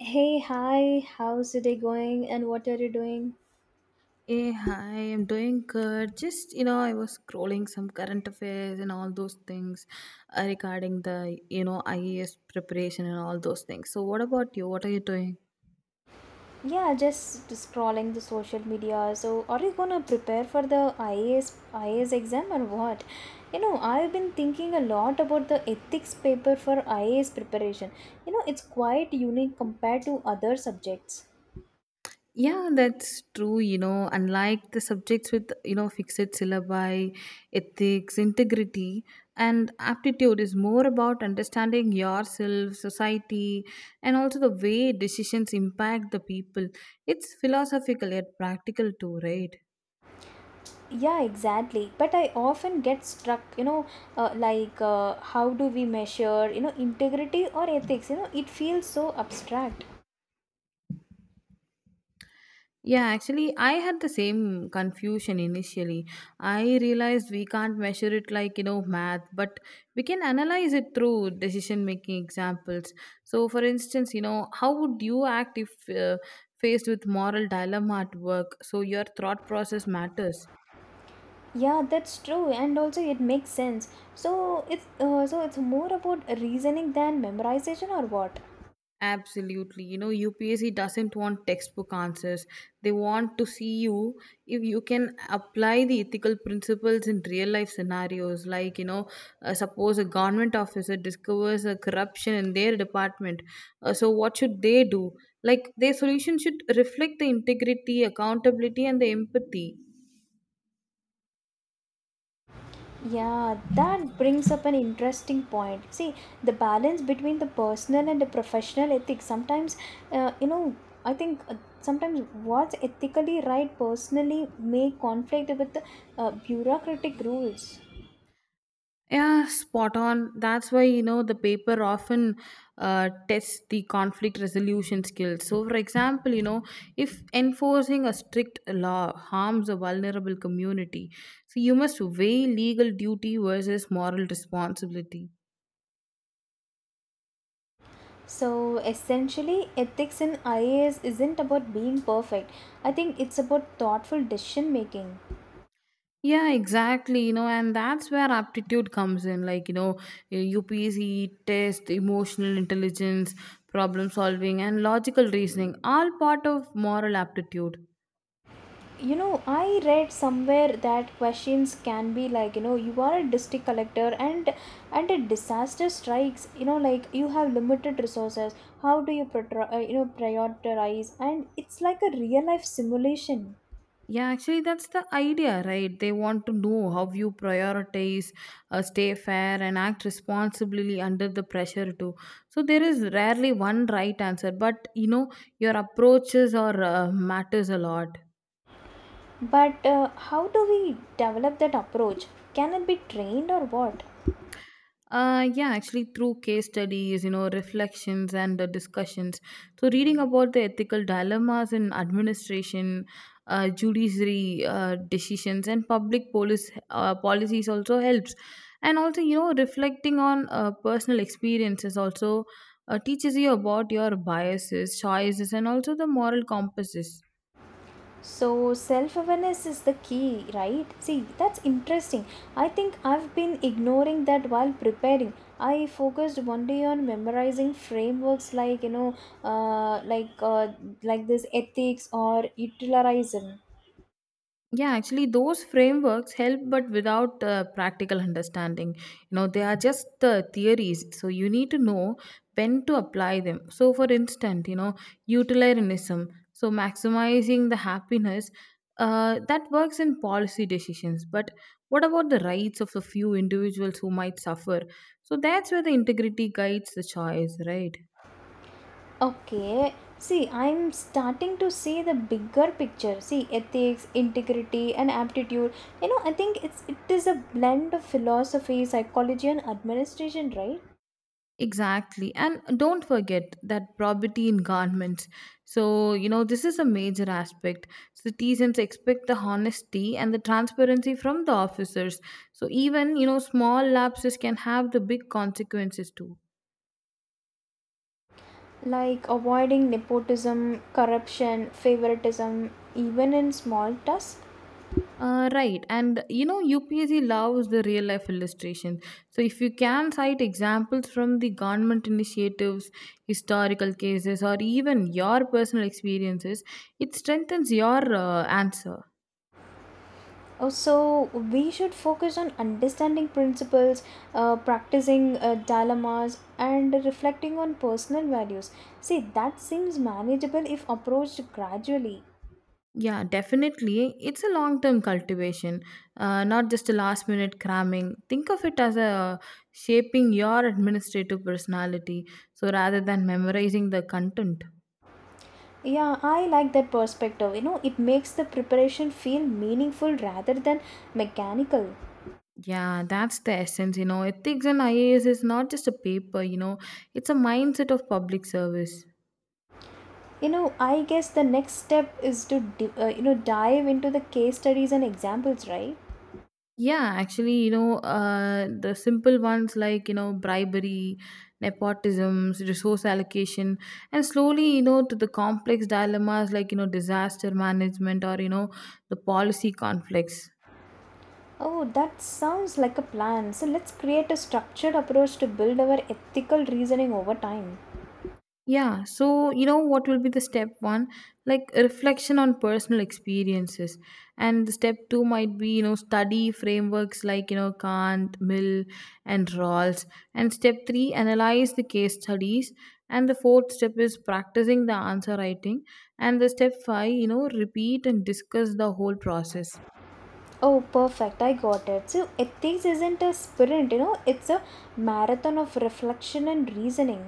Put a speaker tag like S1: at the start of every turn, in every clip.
S1: Hey, hi, how's the day going and what are you doing?
S2: Hey, hi, I'm doing good. Just, you know, I was scrolling some current affairs and all those things regarding the IES preparation and all those things. So, what about you? What are you doing?
S1: Yeah, just scrolling the social media. So, are you gonna prepare for the IAS exam or what? I've been thinking a lot about the ethics paper for IAS preparation. You know, it's quite unique compared to other subjects.
S2: Yeah, that's true. You know, unlike the subjects with, you know, fixed syllabi, ethics, integrity, and aptitude is more about understanding yourself, society, and also the way decisions impact the people. It's philosophical yet practical too, right?
S1: Yeah, exactly. But I often get struck, how do we measure, you know, integrity or ethics? You know, it feels so abstract.
S2: Yeah, actually, I had the same confusion initially. I realized we can't measure it like, you know, math, but we can analyze it through decision making examples. So, for instance, you know, how would you act if faced with moral dilemma at work? So, your thought process matters.
S1: Yeah, that's true, and also it makes sense. So it's more about reasoning than memorization, or what?
S2: Absolutely. You know, UPSC doesn't want textbook answers. They want to see you if you can apply the ethical principles in real life scenarios. Like, you know, suppose a government officer discovers a corruption in their department. So, what should they do? Like, their solution should reflect the integrity, accountability, and the empathy.
S1: Yeah, that brings up an interesting point. See, the balance between the personal and the professional ethics. Sometimes, you know, I think sometimes what's ethically right personally may conflict with the bureaucratic rules.
S2: Yeah, spot on. That's why, you know, the paper often tests the conflict resolution skills. So, for example, you know, if enforcing a strict law harms a vulnerable community, so you must weigh legal duty versus moral responsibility.
S1: So essentially, ethics in IAS isn't about being perfect. I think it's about thoughtful decision making.
S2: Yeah, exactly. You know, and that's where aptitude comes in. Like, you know, UPSC test, emotional intelligence, problem solving, and logical reasoning, all part of moral aptitude.
S1: You know, I read somewhere that questions can be like, you know, you are a district collector and a disaster strikes, you know, like you have limited resources. How do you, you know, prioritize? And it's like a real life simulation.
S2: Yeah, actually, that's the idea, right? They want to know how you prioritize, stay fair, and act responsibly under the pressure, too. So, there is rarely one right answer, but you know, your approaches or matters a lot.
S1: But how do we develop that approach? Can it be trained or what?
S2: Yeah, actually, through case studies, you know, reflections and discussions. So, reading about the ethical dilemmas in administration, judiciary decisions, and public police policies also helps. And also, you know, reflecting on personal experiences also teaches you about your biases, choices, and also the moral compasses.
S1: So, self awareness is the key, right? See, that's interesting. I think I've been ignoring that while preparing. I focused one day on memorizing frameworks like, uh, like, uh, like this ethics or utilitarianism.
S2: Yeah, actually, those frameworks help, but without practical understanding. You know, they are just theories. So you need to know when to apply them. So, for instance, you know, utilitarianism. So maximizing the happiness that works in policy decisions. But what about the rights of the few individuals who might suffer? So that's where the integrity guides the choice, right?
S1: Okay, see, I'm starting to see the bigger picture. See, ethics, integrity, and aptitude. You know, I think it is a blend of philosophy, psychology, and administration, right?
S2: Exactly. And don't forget that property in garments. So, you know, this is a major aspect. Citizens expect the honesty and the transparency from the officers. So, even, you know, small lapses can have the big consequences too.
S1: Like avoiding nepotism, corruption, favoritism, even in small tasks.
S2: Right. And, you know, UPSC loves the real life illustrations. So, if you can cite examples from the government initiatives, historical cases, or even your personal experiences, it strengthens your answer.
S1: Also, we should focus on understanding principles, practicing dilemmas, and reflecting on personal values. See, that seems manageable if approached gradually.
S2: Yeah, definitely. It's a long term cultivation, not just a last minute cramming. Think of it as a shaping your administrative personality, so rather than memorizing the content.
S1: Yeah, I like that perspective. You know, it makes the preparation feel meaningful rather than mechanical.
S2: Yeah, that's the essence. You know, ethics and IAS is not just a paper, you know, it's a mindset of public service.
S1: You know, I guess the next step is to dive into the case studies and examples, right?
S2: Yeah, actually, you know, the simple ones like, you know, bribery, nepotism, resource allocation, and slowly, you know, to the complex dilemmas like, you know, disaster management or, you know, the policy conflicts.
S1: Oh, that sounds like a plan. So let's create a structured approach to build our ethical reasoning over time.
S2: Yeah, so you know what will be the step one? Like reflection on personal experiences. And the step two might be, you know, study frameworks like, you know, Kant, Mill, and Rawls. And step three, analyze the case studies. And the fourth step is practicing the answer writing. And the step five, you know, repeat and discuss the whole process.
S1: Oh, perfect. I got it. So ethics isn't a sprint, you know, it's a marathon of reflection and reasoning.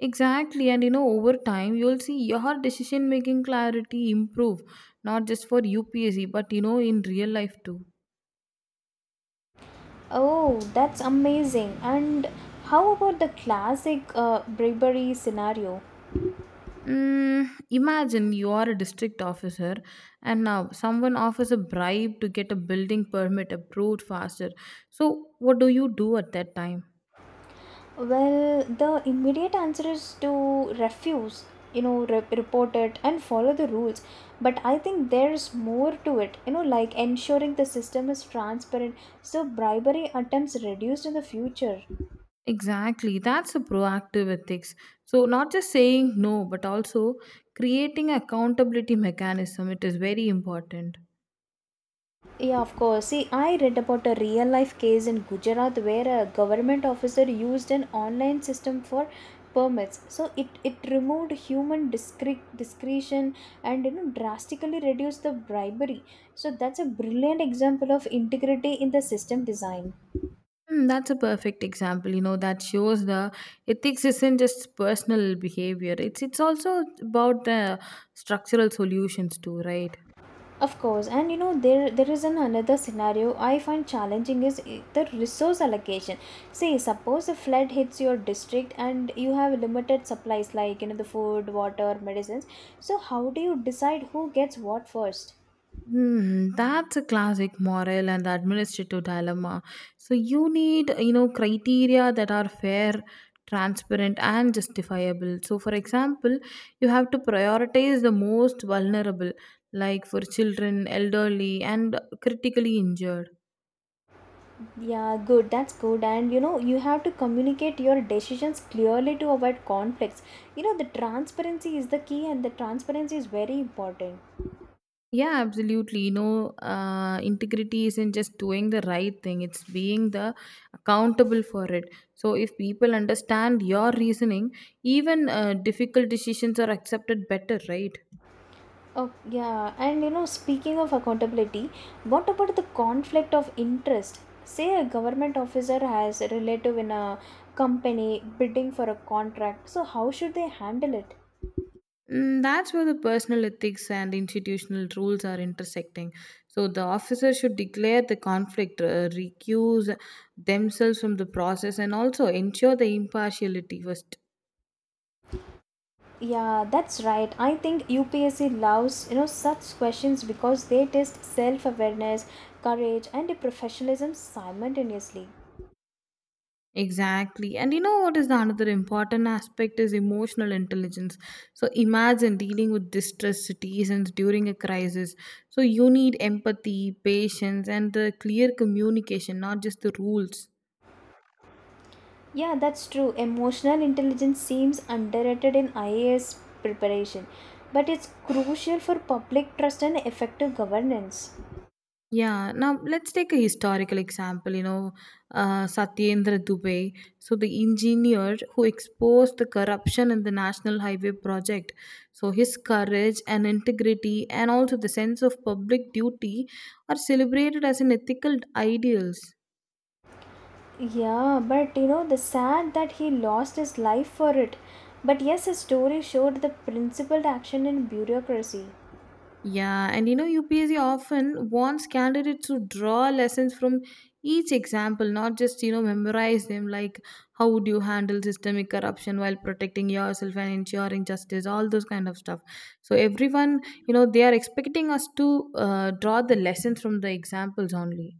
S2: Exactly. And you know, over time, you'll see your decision making clarity improve, not just for UPSC, but you know, in real life too.
S1: Oh, that's amazing. And how about the classic bribery scenario?
S2: Mm, imagine you are a district officer and now someone offers a bribe to get a building permit approved faster. So, what do you do at that time?
S1: Well, the immediate answer is to refuse, you know, report it and follow the rules. But I think there's more to it, you know, like ensuring the system is transparent so bribery attempts reduced in the future.
S2: Exactly, that's a proactive ethics. So, not just saying no, but also creating accountability mechanism. It is very important.
S1: Yeah, of course. See, I read about a real life case in Gujarat where a government officer used an online system for permits. So it removed human discretion and you know drastically reduced the bribery. So that's a brilliant example of integrity in the system design.
S2: Hmm, that's a perfect example. You know that shows the ethics isn't just personal behavior. It's also about the structural solutions too, right?
S1: Of course, and you know there is an another scenario I find challenging is the resource allocation. Say, suppose a flood hits your district and you have limited supplies like you know the food, water, medicines. So how do you decide who gets what first?
S2: Hmm, that's a classic moral and administrative dilemma. So you need, you know, criteria that are fair, transparent, and justifiable. So, for example, you have to prioritize the most vulnerable, like for children, elderly, and critically injured.
S1: Yeah, good. That's good. And you know, you have to communicate your decisions clearly to avoid conflicts. You know, the transparency is the key, and the transparency is very important.
S2: Yeah, absolutely. You know, integrity isn't just doing the right thing, it's being the accountable for it. So, if people understand your reasoning, even difficult decisions are accepted better, right?
S1: Oh, yeah. And you know, speaking of accountability, what about the conflict of interest? Say a government officer has a relative in a company bidding for a contract. So how should they handle it?
S2: Mm, that's where the personal ethics and institutional rules are intersecting. So, the officer should declare the conflict, recuse themselves from the process, and also ensure the impartiality first.
S1: Yeah, that's right. I think UPSC loves, you know, such questions because they test self-awareness, courage, and professionalism simultaneously.
S2: Exactly. And you know what is the another important aspect is emotional intelligence. So imagine dealing with distressed citizens during a crisis. So you need empathy, patience, and the clear communication, not just the rules.
S1: Yeah, that's true. Emotional intelligence seems underrated in IAS preparation, but it's crucial for public trust and effective governance.
S2: Yeah. Now let's take a historical example, you know, Satyendra Dubey, so the engineer who exposed the corruption in the National Highway project. So his courage and integrity and also the sense of public duty are celebrated as an ethical ideals.
S1: Yeah, but you know, the sad that he lost his life for it. But yes, his story showed the principled action in bureaucracy.
S2: Yeah, and you know, UPSC often wants candidates to draw lessons from each example, not just, you know, memorize them. Like, how would you handle systemic corruption while protecting yourself and ensuring justice? All those kind of stuff. So, everyone, you know, they are expecting us to draw the lessons from the examples only.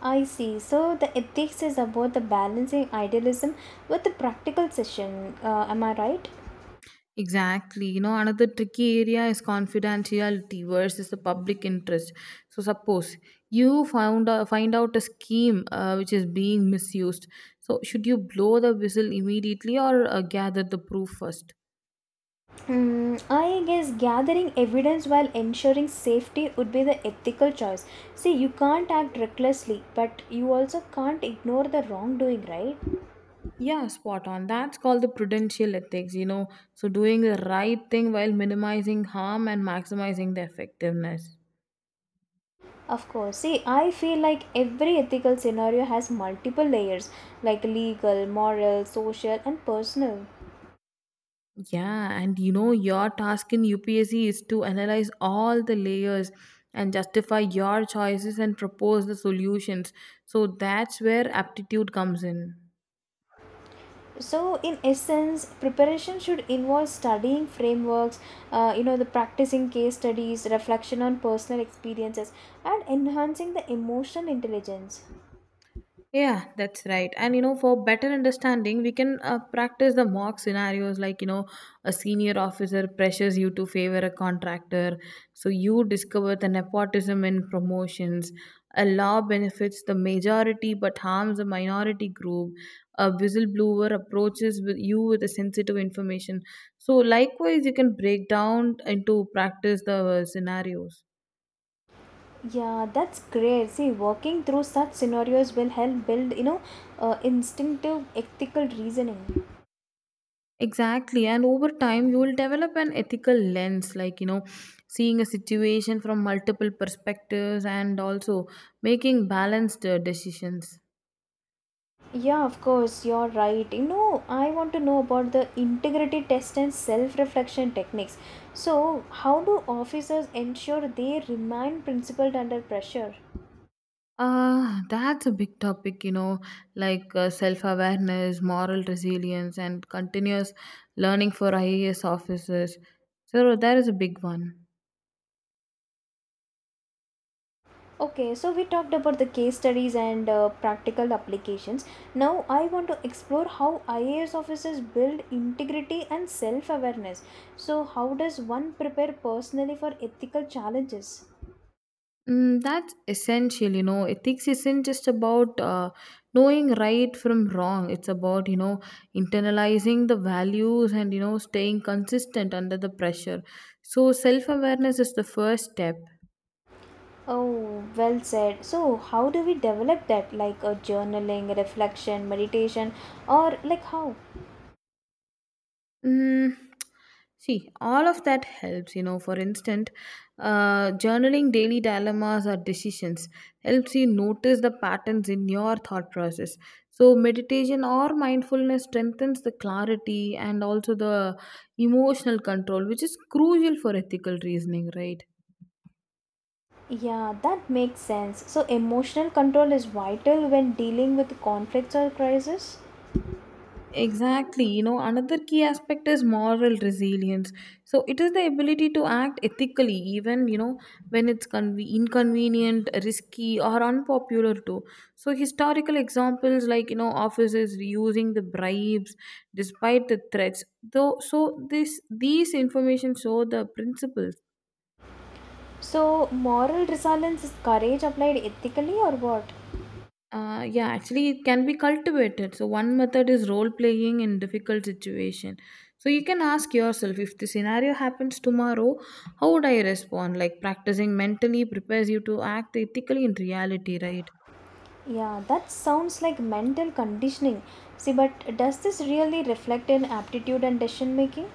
S1: I see. So the ethics is about the balancing idealism with the practical session. Am I right?
S2: Exactly. You know, another tricky area is confidentiality versus the public interest. So, suppose you found find out a scheme which is being misused. So, should you blow the whistle immediately or gather the proof first?
S1: Hmm, I guess gathering evidence while ensuring safety would be the ethical choice. See, you can't act recklessly, but you also can't ignore the wrongdoing, right?
S2: Yeah, spot on. That's called the prudential ethics, you know. So, doing the right thing while minimizing harm and maximizing the effectiveness.
S1: Of course. See, I feel like every ethical scenario has multiple layers like legal, moral, social, and personal.
S2: Yeah, and you know, your task in UPSC is to analyze all the layers and justify your choices and propose the solutions. So that's where aptitude comes in.
S1: So, in essence, preparation should involve studying frameworks, you know, the practicing case studies, reflection on personal experiences, and enhancing the emotional intelligence.
S2: Yeah, that's right. And you know, for better understanding, we can practice the mock scenarios like, you know, a senior officer pressures you to favor a contractor. So you discover the nepotism in promotions. A law benefits the majority but harms a minority group. A whistleblower approaches with you with a sensitive information. So likewise, you can break down into practice the scenarios.
S1: Yeah, that's great. See, working through such scenarios will help build, instinctive ethical reasoning.
S2: Exactly. And over time, you will develop an ethical lens, like, you know, seeing a situation from multiple perspectives and also making balanced decisions.
S1: Yeah, of course, you're right. You know, I want to know about the integrity test and self reflection techniques. So, how do officers ensure they remain principled under pressure?
S2: Ah, that's a big topic, you know, like self awareness, moral resilience, and continuous learning for IAS officers. So, that is a big one.
S1: Okay, so we talked about the case studies and practical applications. Now, I want to explore how IAS officers build integrity and self awareness. So, how does one prepare personally for ethical challenges?
S2: Mm, that's essential, you know. Ethics isn't just about knowing right from wrong. It's about, you know, internalizing the values and, you know, staying consistent under the pressure. So, self awareness is the first step.
S1: Oh, well said. So, how do we develop that? Like a journaling, reflection, meditation, or like how?
S2: Mm, see, all of that helps. You know, for instance, journaling daily dilemmas or decisions helps you notice the patterns in your thought process. So, meditation or mindfulness strengthens the clarity and also the emotional control, which is crucial for ethical reasoning, right?
S1: Yeah, that makes sense. So, emotional control is vital when dealing with conflicts or crisis.
S2: Exactly. You know, another key aspect is moral resilience. So it is the ability to act ethically, even, you know, when it's inconvenient, risky, or unpopular too. So historical examples like, you know, officers using the bribes despite the threats. Though, so this these information show the principles.
S1: So, moral resilience is courage applied ethically or what?
S2: Yeah, actually, it can be cultivated. So, one method is role playing in difficult situation. So, you can ask yourself if the scenario happens tomorrow, how would I respond? Like, practicing mentally prepares you to act ethically in reality, right?
S1: Yeah, that sounds like mental conditioning. See, but does this really reflect in aptitude and decision making?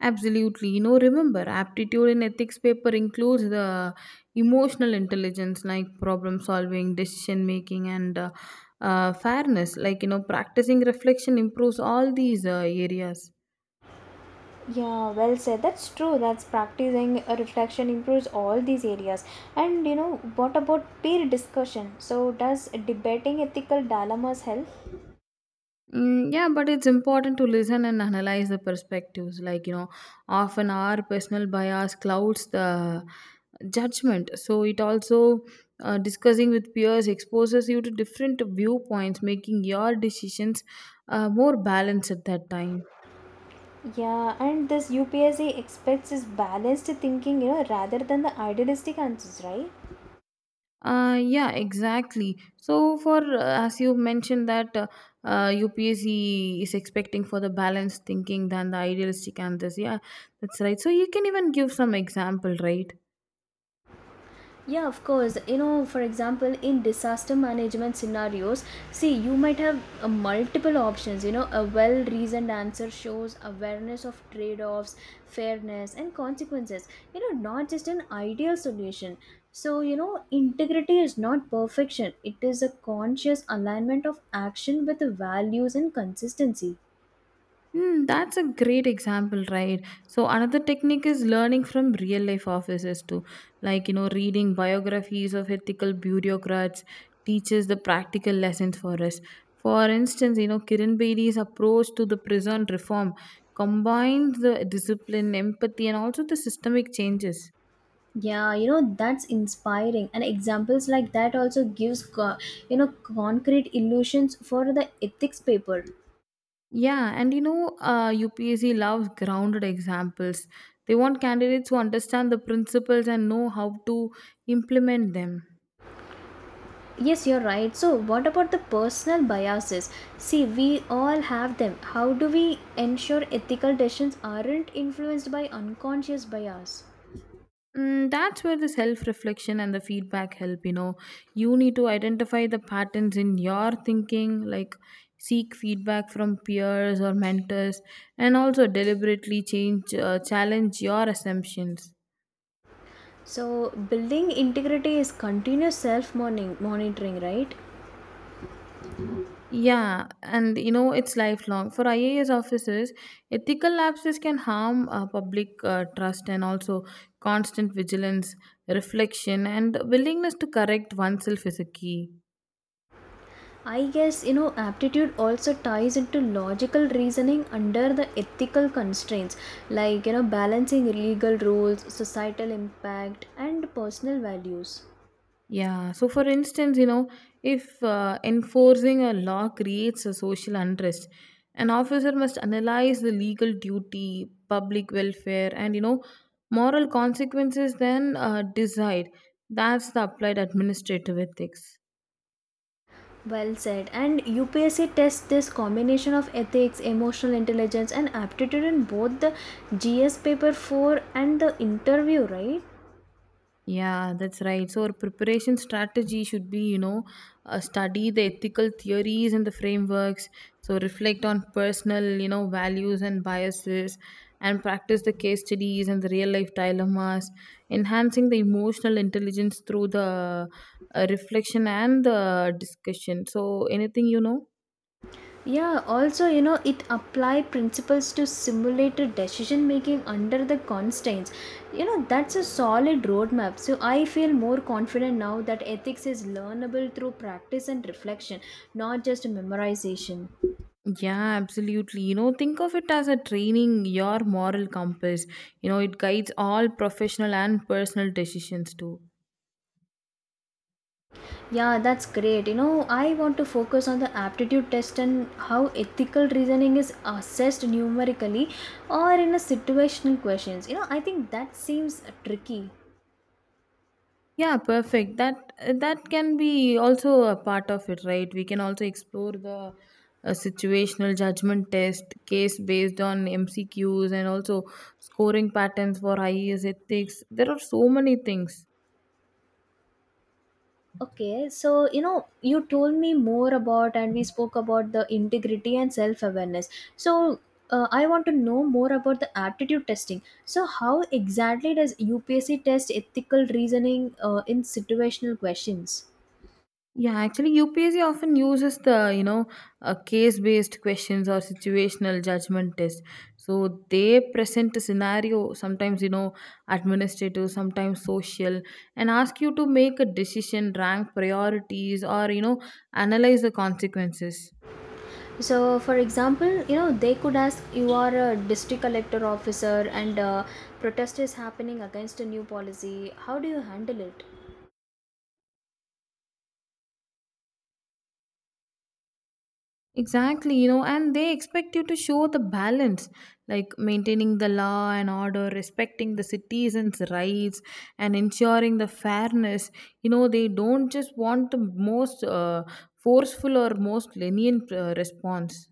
S2: Absolutely. You know, remember, aptitude in ethics paper includes the emotional intelligence, like problem solving, decision making, and fairness. Like, you know, practicing reflection improves all these areas.
S1: Yeah, well said. That's true. That's practicing a reflection improves all these areas. And you know, what about peer discussion? So, does debating ethical dilemmas help?
S2: Mm, yeah, but it's important to listen and analyze the perspectives. Like, you know, often our personal bias clouds the judgment. So, it also discussing with peers exposes you to different viewpoints, making your decisions more balanced at that time.
S1: Yeah, and this UPSC expects is balanced thinking, you know, rather than the idealistic answers, right?
S2: Yeah, exactly. So, for as you mentioned that UPSC is expecting for the balanced thinking than the idealistic and this, yeah, that's right. So, you can even give some example, right?
S1: Yeah, of course. You know, for example, in disaster management scenarios, see, you might have multiple options. You know, a well reasoned answer shows awareness of trade offs, fairness, and consequences. You know, not just an ideal solution. So, you know, integrity is not perfection, it is a conscious alignment of action with the values and consistency.
S2: Mm, that's a great example, right? So another technique is learning from real life officers too, like you know, reading biographies of ethical bureaucrats teaches the practical lessons for us. For instance, you know, Kiran Bedi's approach to the prison reform combines the discipline, empathy, and also the systemic changes.
S1: Yeah, you know that's inspiring and examples like that also gives you know concrete illusions for the ethics paper.
S2: Yeah, and you know, UPSC loves grounded examples. They want candidates who understand the principles and know how to implement them.
S1: Yes, you're right. So what about the personal biases? See, we all have them. How do we ensure ethical decisions aren't influenced by unconscious bias?
S2: That's where the self reflection and the feedback help. You know, you need to identify the patterns in your thinking, like seek feedback from peers or mentors, and also deliberately challenge your assumptions.
S1: So building integrity is continuous self monitoring, right?
S2: Yeah, and you know, it's lifelong. For IAS officers, ethical lapses can harm public trust and also constant vigilance, reflection, and willingness to correct oneself is a key.
S1: I guess you know aptitude also ties into logical reasoning under the ethical constraints, like you know balancing legal rules, societal impact and personal values.
S2: Yeah. So, for instance, you know, if enforcing a law creates a social unrest, an officer must analyze the legal duty, public welfare, and, you know, moral consequences, then decide. That's the applied administrative ethics.
S1: Well said. And UPSC tests this combination of ethics, emotional intelligence and aptitude in both the GS paper 4 and the interview, right?
S2: Yeah, that's right. So, our preparation strategy should be, you know, study the ethical theories and the frameworks. So, reflect on personal, you know, values and biases and practice the case studies and the real life dilemmas, enhancing the emotional intelligence through the reflection and the discussion. So, anything you know?
S1: Yeah, also, you know, it apply principles to simulated decision making under the constraints. You know, that's a solid roadmap. So I feel more confident now that ethics is learnable through practice and reflection, not just memorization.
S2: Yeah, absolutely. You know, think of it as a training, your moral compass. You know, it guides all professional and personal decisions too.
S1: Yeah, that's great. You know, I want to focus on the aptitude test and how ethical reasoning is assessed numerically or in a situational questions. You know, I think that seems tricky.
S2: Yeah, perfect. That can be also a part of it, right? We can also explore the situational judgment test case based on MCQs and also scoring patterns for IES ethics. There are so many things.
S1: Okay, so you know, you told me more about and we spoke about the integrity and self awareness. So, I want to know more about the aptitude testing. So, how exactly does UPSC test ethical reasoning in situational questions?
S2: Yeah, actually, UPSC often uses the case-based questions or situational judgment test. So they present a scenario, sometimes you know administrative, sometimes social, and ask you to make a decision, rank priorities, or you know analyze the consequences.
S1: So, for example, you know, they could ask you are a district collector officer and protest is happening against a new policy. How do you handle it?
S2: Exactly, you know, and they expect you to show the balance, like maintaining the law and order, respecting the citizens' rights, and ensuring the fairness. You know, they don't just want the most forceful or most lenient response.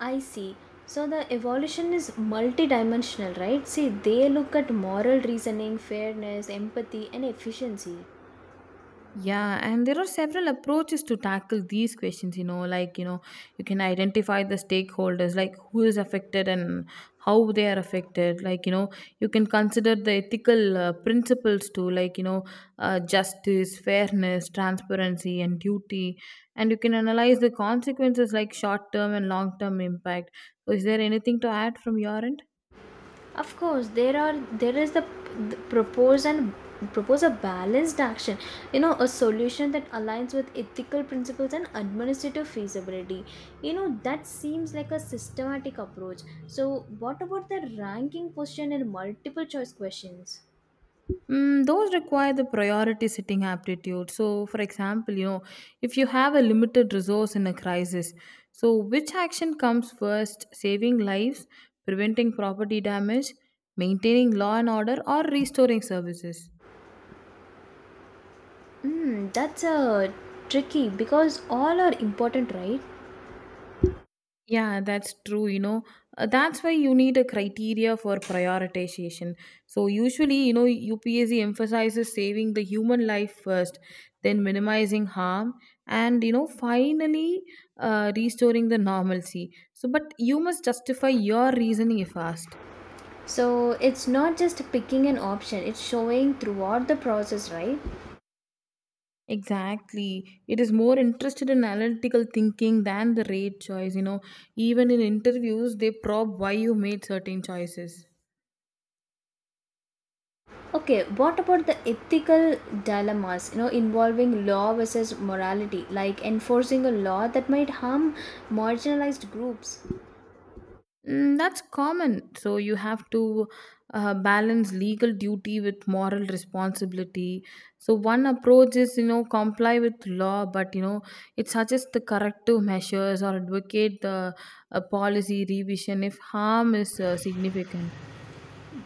S1: I see. So the evolution is multidimensional, right? See, they look at moral reasoning, fairness, empathy, and efficiency.
S2: Yeah, and there are several approaches to tackle these questions, you know, you can identify the stakeholders, like who is affected and how they are affected. Like, you know, you can consider the ethical principles too, justice, fairness, transparency, and duty. And you can analyze the consequences, like short term and long term impact. So, is there anything to add from your end?
S1: Of course, there is the propose a balanced action. You know, a solution that aligns with ethical principles and administrative feasibility. You know, that seems like a systematic approach. So, what about the ranking question and multiple choice questions?
S2: Those require the priority setting aptitude. So, for example, you know, if you have a limited resource in a crisis, so which action comes first? Saving lives, preventing property damage, maintaining law and order, or restoring services?
S1: Hmm, that's a tricky because all are important, right?
S2: Yeah, that's true. You know, that's why you need a criteria for prioritization. So, usually, you know, UPSC emphasizes saving the human life first, then minimizing harm, and, you know, finally restoring the normalcy. So, but you must justify your reasoning fast.
S1: So it's not just picking an option, it's showing throughout the process, right?
S2: Exactly. It is more interested in analytical thinking than the rate choice. You know, even in interviews, they probe why you made certain choices.
S1: Okay, what about the ethical dilemmas, you know, involving law versus morality, like enforcing a law that might harm marginalized groups?
S2: That's common. So you have to balance legal duty with moral responsibility. So one approach is, you know, comply with law, but you know, it suggests the corrective measures or advocate the policy revision if harm is significant.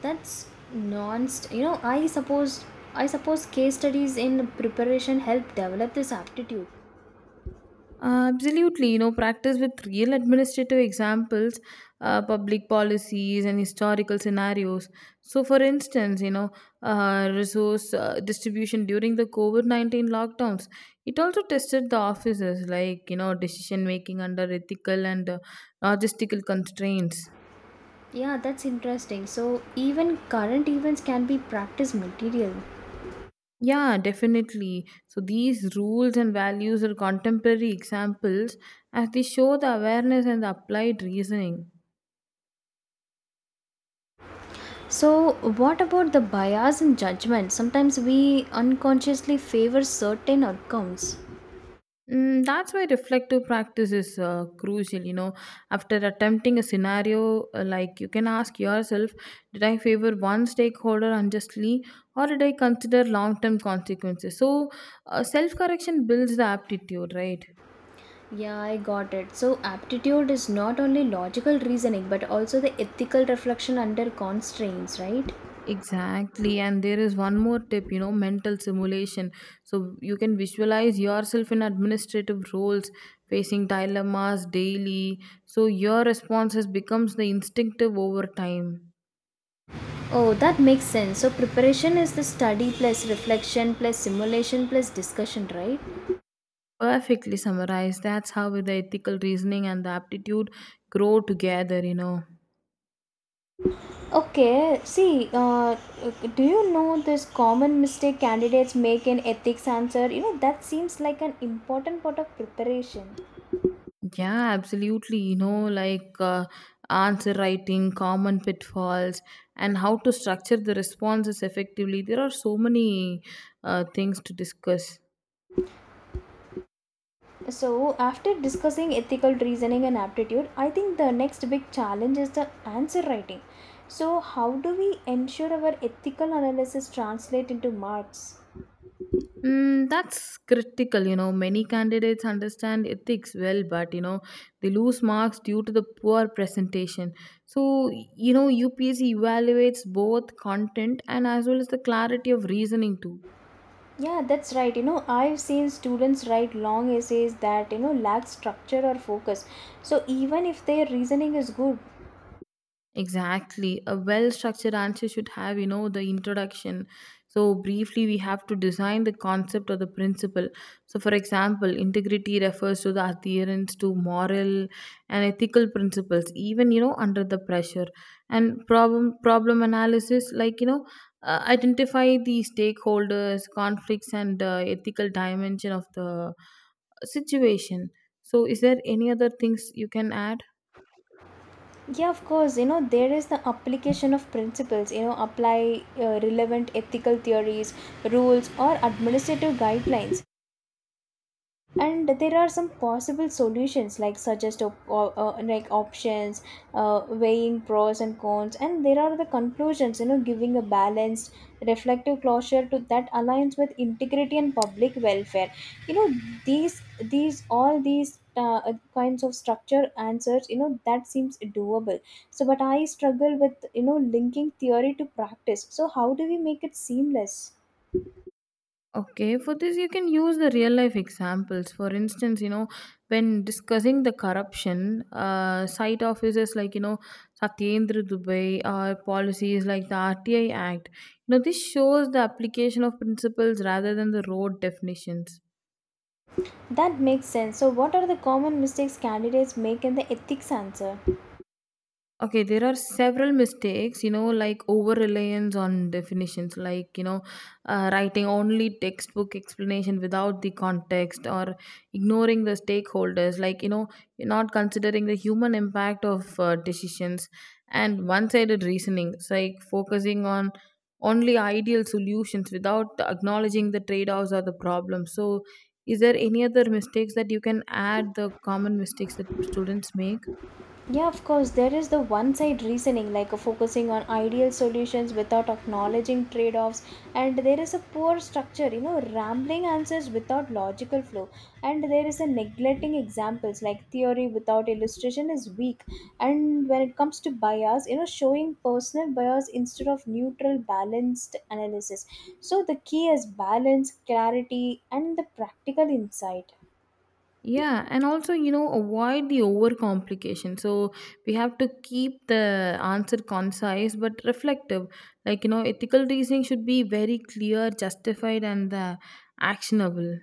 S1: That's non you know, I suppose case studies in preparation help develop this aptitude.
S2: Absolutely, you know, practice with real administrative examples, public policies, and historical scenarios. So, for instance, you know, resource distribution during the COVID 19 lockdowns, it also tested the officers, like, you know, decision making under ethical and logistical constraints.
S1: Yeah, that's interesting. So even current events can be practice material.
S2: Yeah, definitely. So, these rules and values are contemporary examples as they show the awareness and the applied reasoning.
S1: So, what about the bias in judgment? Sometimes we unconsciously favor certain outcomes.
S2: That's why reflective practice is crucial. You know, after attempting a scenario, like you can ask yourself, did I favor one stakeholder unjustly, or did I consider long-term consequences? So, self-correction builds the aptitude, right?
S1: Yeah, I got it. So, aptitude is not only logical reasoning but also the ethical reflection under constraints, right?
S2: Exactly, and there is one more tip, you know, mental simulation. So you can visualize yourself in administrative roles, facing dilemmas daily. So your responses becomes the instinctive over time.
S1: Oh, that makes sense. So, preparation is the study plus reflection plus simulation plus discussion, right?
S2: Perfectly summarized. That's how the ethical reasoning and the aptitude grow together, you know.
S1: Okay, see, do you know this common mistake candidates make in ethics answer? You know, that seems like an important part of preparation.
S2: Yeah, absolutely. You know, answer writing, common pitfalls, and how to structure the responses effectively. There are so many things to discuss.
S1: So, after discussing ethical reasoning and aptitude, I think the next big challenge is the answer writing. So, how do we ensure our ethical analysis translate into marks?
S2: That's critical. You know, many candidates understand ethics well, but you know, they lose marks due to the poor presentation. So, you know, UPSC evaluates both content and as well as the clarity of reasoning too.
S1: Yeah, that's right. You know, I've seen students write long essays that, you know, lack structure or focus. So, even if their reasoning is good,
S2: Exactly. A well structured answer should have, you know, the introduction. So, briefly, we have to design the concept or the principle. So, for example, integrity refers to the adherence to moral and ethical principles, even, you know, under the pressure. And problem analysis, like, you know, identify the stakeholders, conflicts, and ethical dimension of the situation. So, is there any other things you can add?
S1: yeah, of course, you know, there is the application of principles, you know, apply relevant ethical theories, rules, or administrative guidelines, and there are some possible solutions like suggest options weighing pros and cons, and there are the conclusions, you know, giving a balanced reflective closure to that aligns with integrity and public welfare. You know, these all these kinds of structure answers, you know, that seems doable. So but I struggle with, you know, linking theory to practice. So how do we make it seamless?
S2: Okay, for this you can use the real life examples. For instance, you know, when discussing the corruption, site officers like you know Satyendra Dubai or policies like the RTI Act. You know, this shows the application of principles rather than the road definitions.
S1: That makes sense. So, what are the common mistakes candidates make in the ethics answer?
S2: Okay, there are several mistakes, you know, like over reliance on definitions, writing only textbook explanation without the context or ignoring the stakeholders, like, you know, you're not considering the human impact of decisions and one sided reasoning. It's like focusing on only ideal solutions without acknowledging the trade offs or the problems. So, is there any other mistakes that you can add the common mistakes that students make?
S1: Yeah, of course, there is the one side reasoning, like focusing on ideal solutions without acknowledging trade offs, and there is a poor structure, you know, rambling answers without logical flow, and there is a neglecting examples, like theory without illustration is weak. And when it comes to bias, you know, showing personal bias instead of neutral, balanced analysis. So the key is balance, clarity, and the practical insight.
S2: Yeah, and also, you know, avoid the overcomplication. So we have to keep the answer concise but reflective. Like, you know, ethical reasoning should be very clear, justified, and actionable.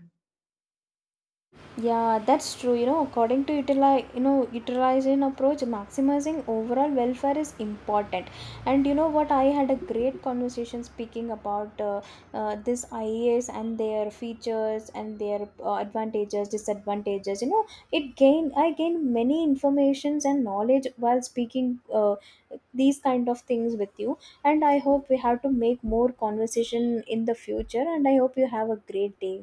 S1: Yeah, that's true. You know, according to utilization approach, maximizing overall welfare is important. And you know what? I had a great conversation speaking about this IAS and their features and their advantages, disadvantages. You know, it gain I gained many informations and knowledge while speaking these kind of things with you. And I hope we have to make more conversation in the future. And I hope you have a great day.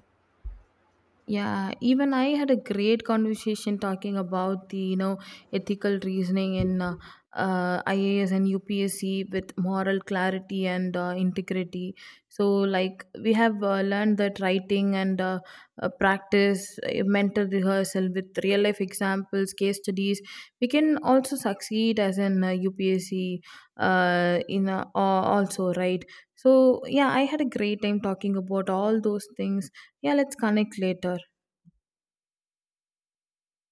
S2: Yeah, even I had a great conversation talking about the you know ethical reasoning in IAS and UPSC with moral clarity and integrity. So, like we have learned that writing and practice, mental rehearsal with real life examples, case studies, we can also succeed as an UPSC in also right. So, yeah, I had a great time talking about all those things. Yeah, let's connect later.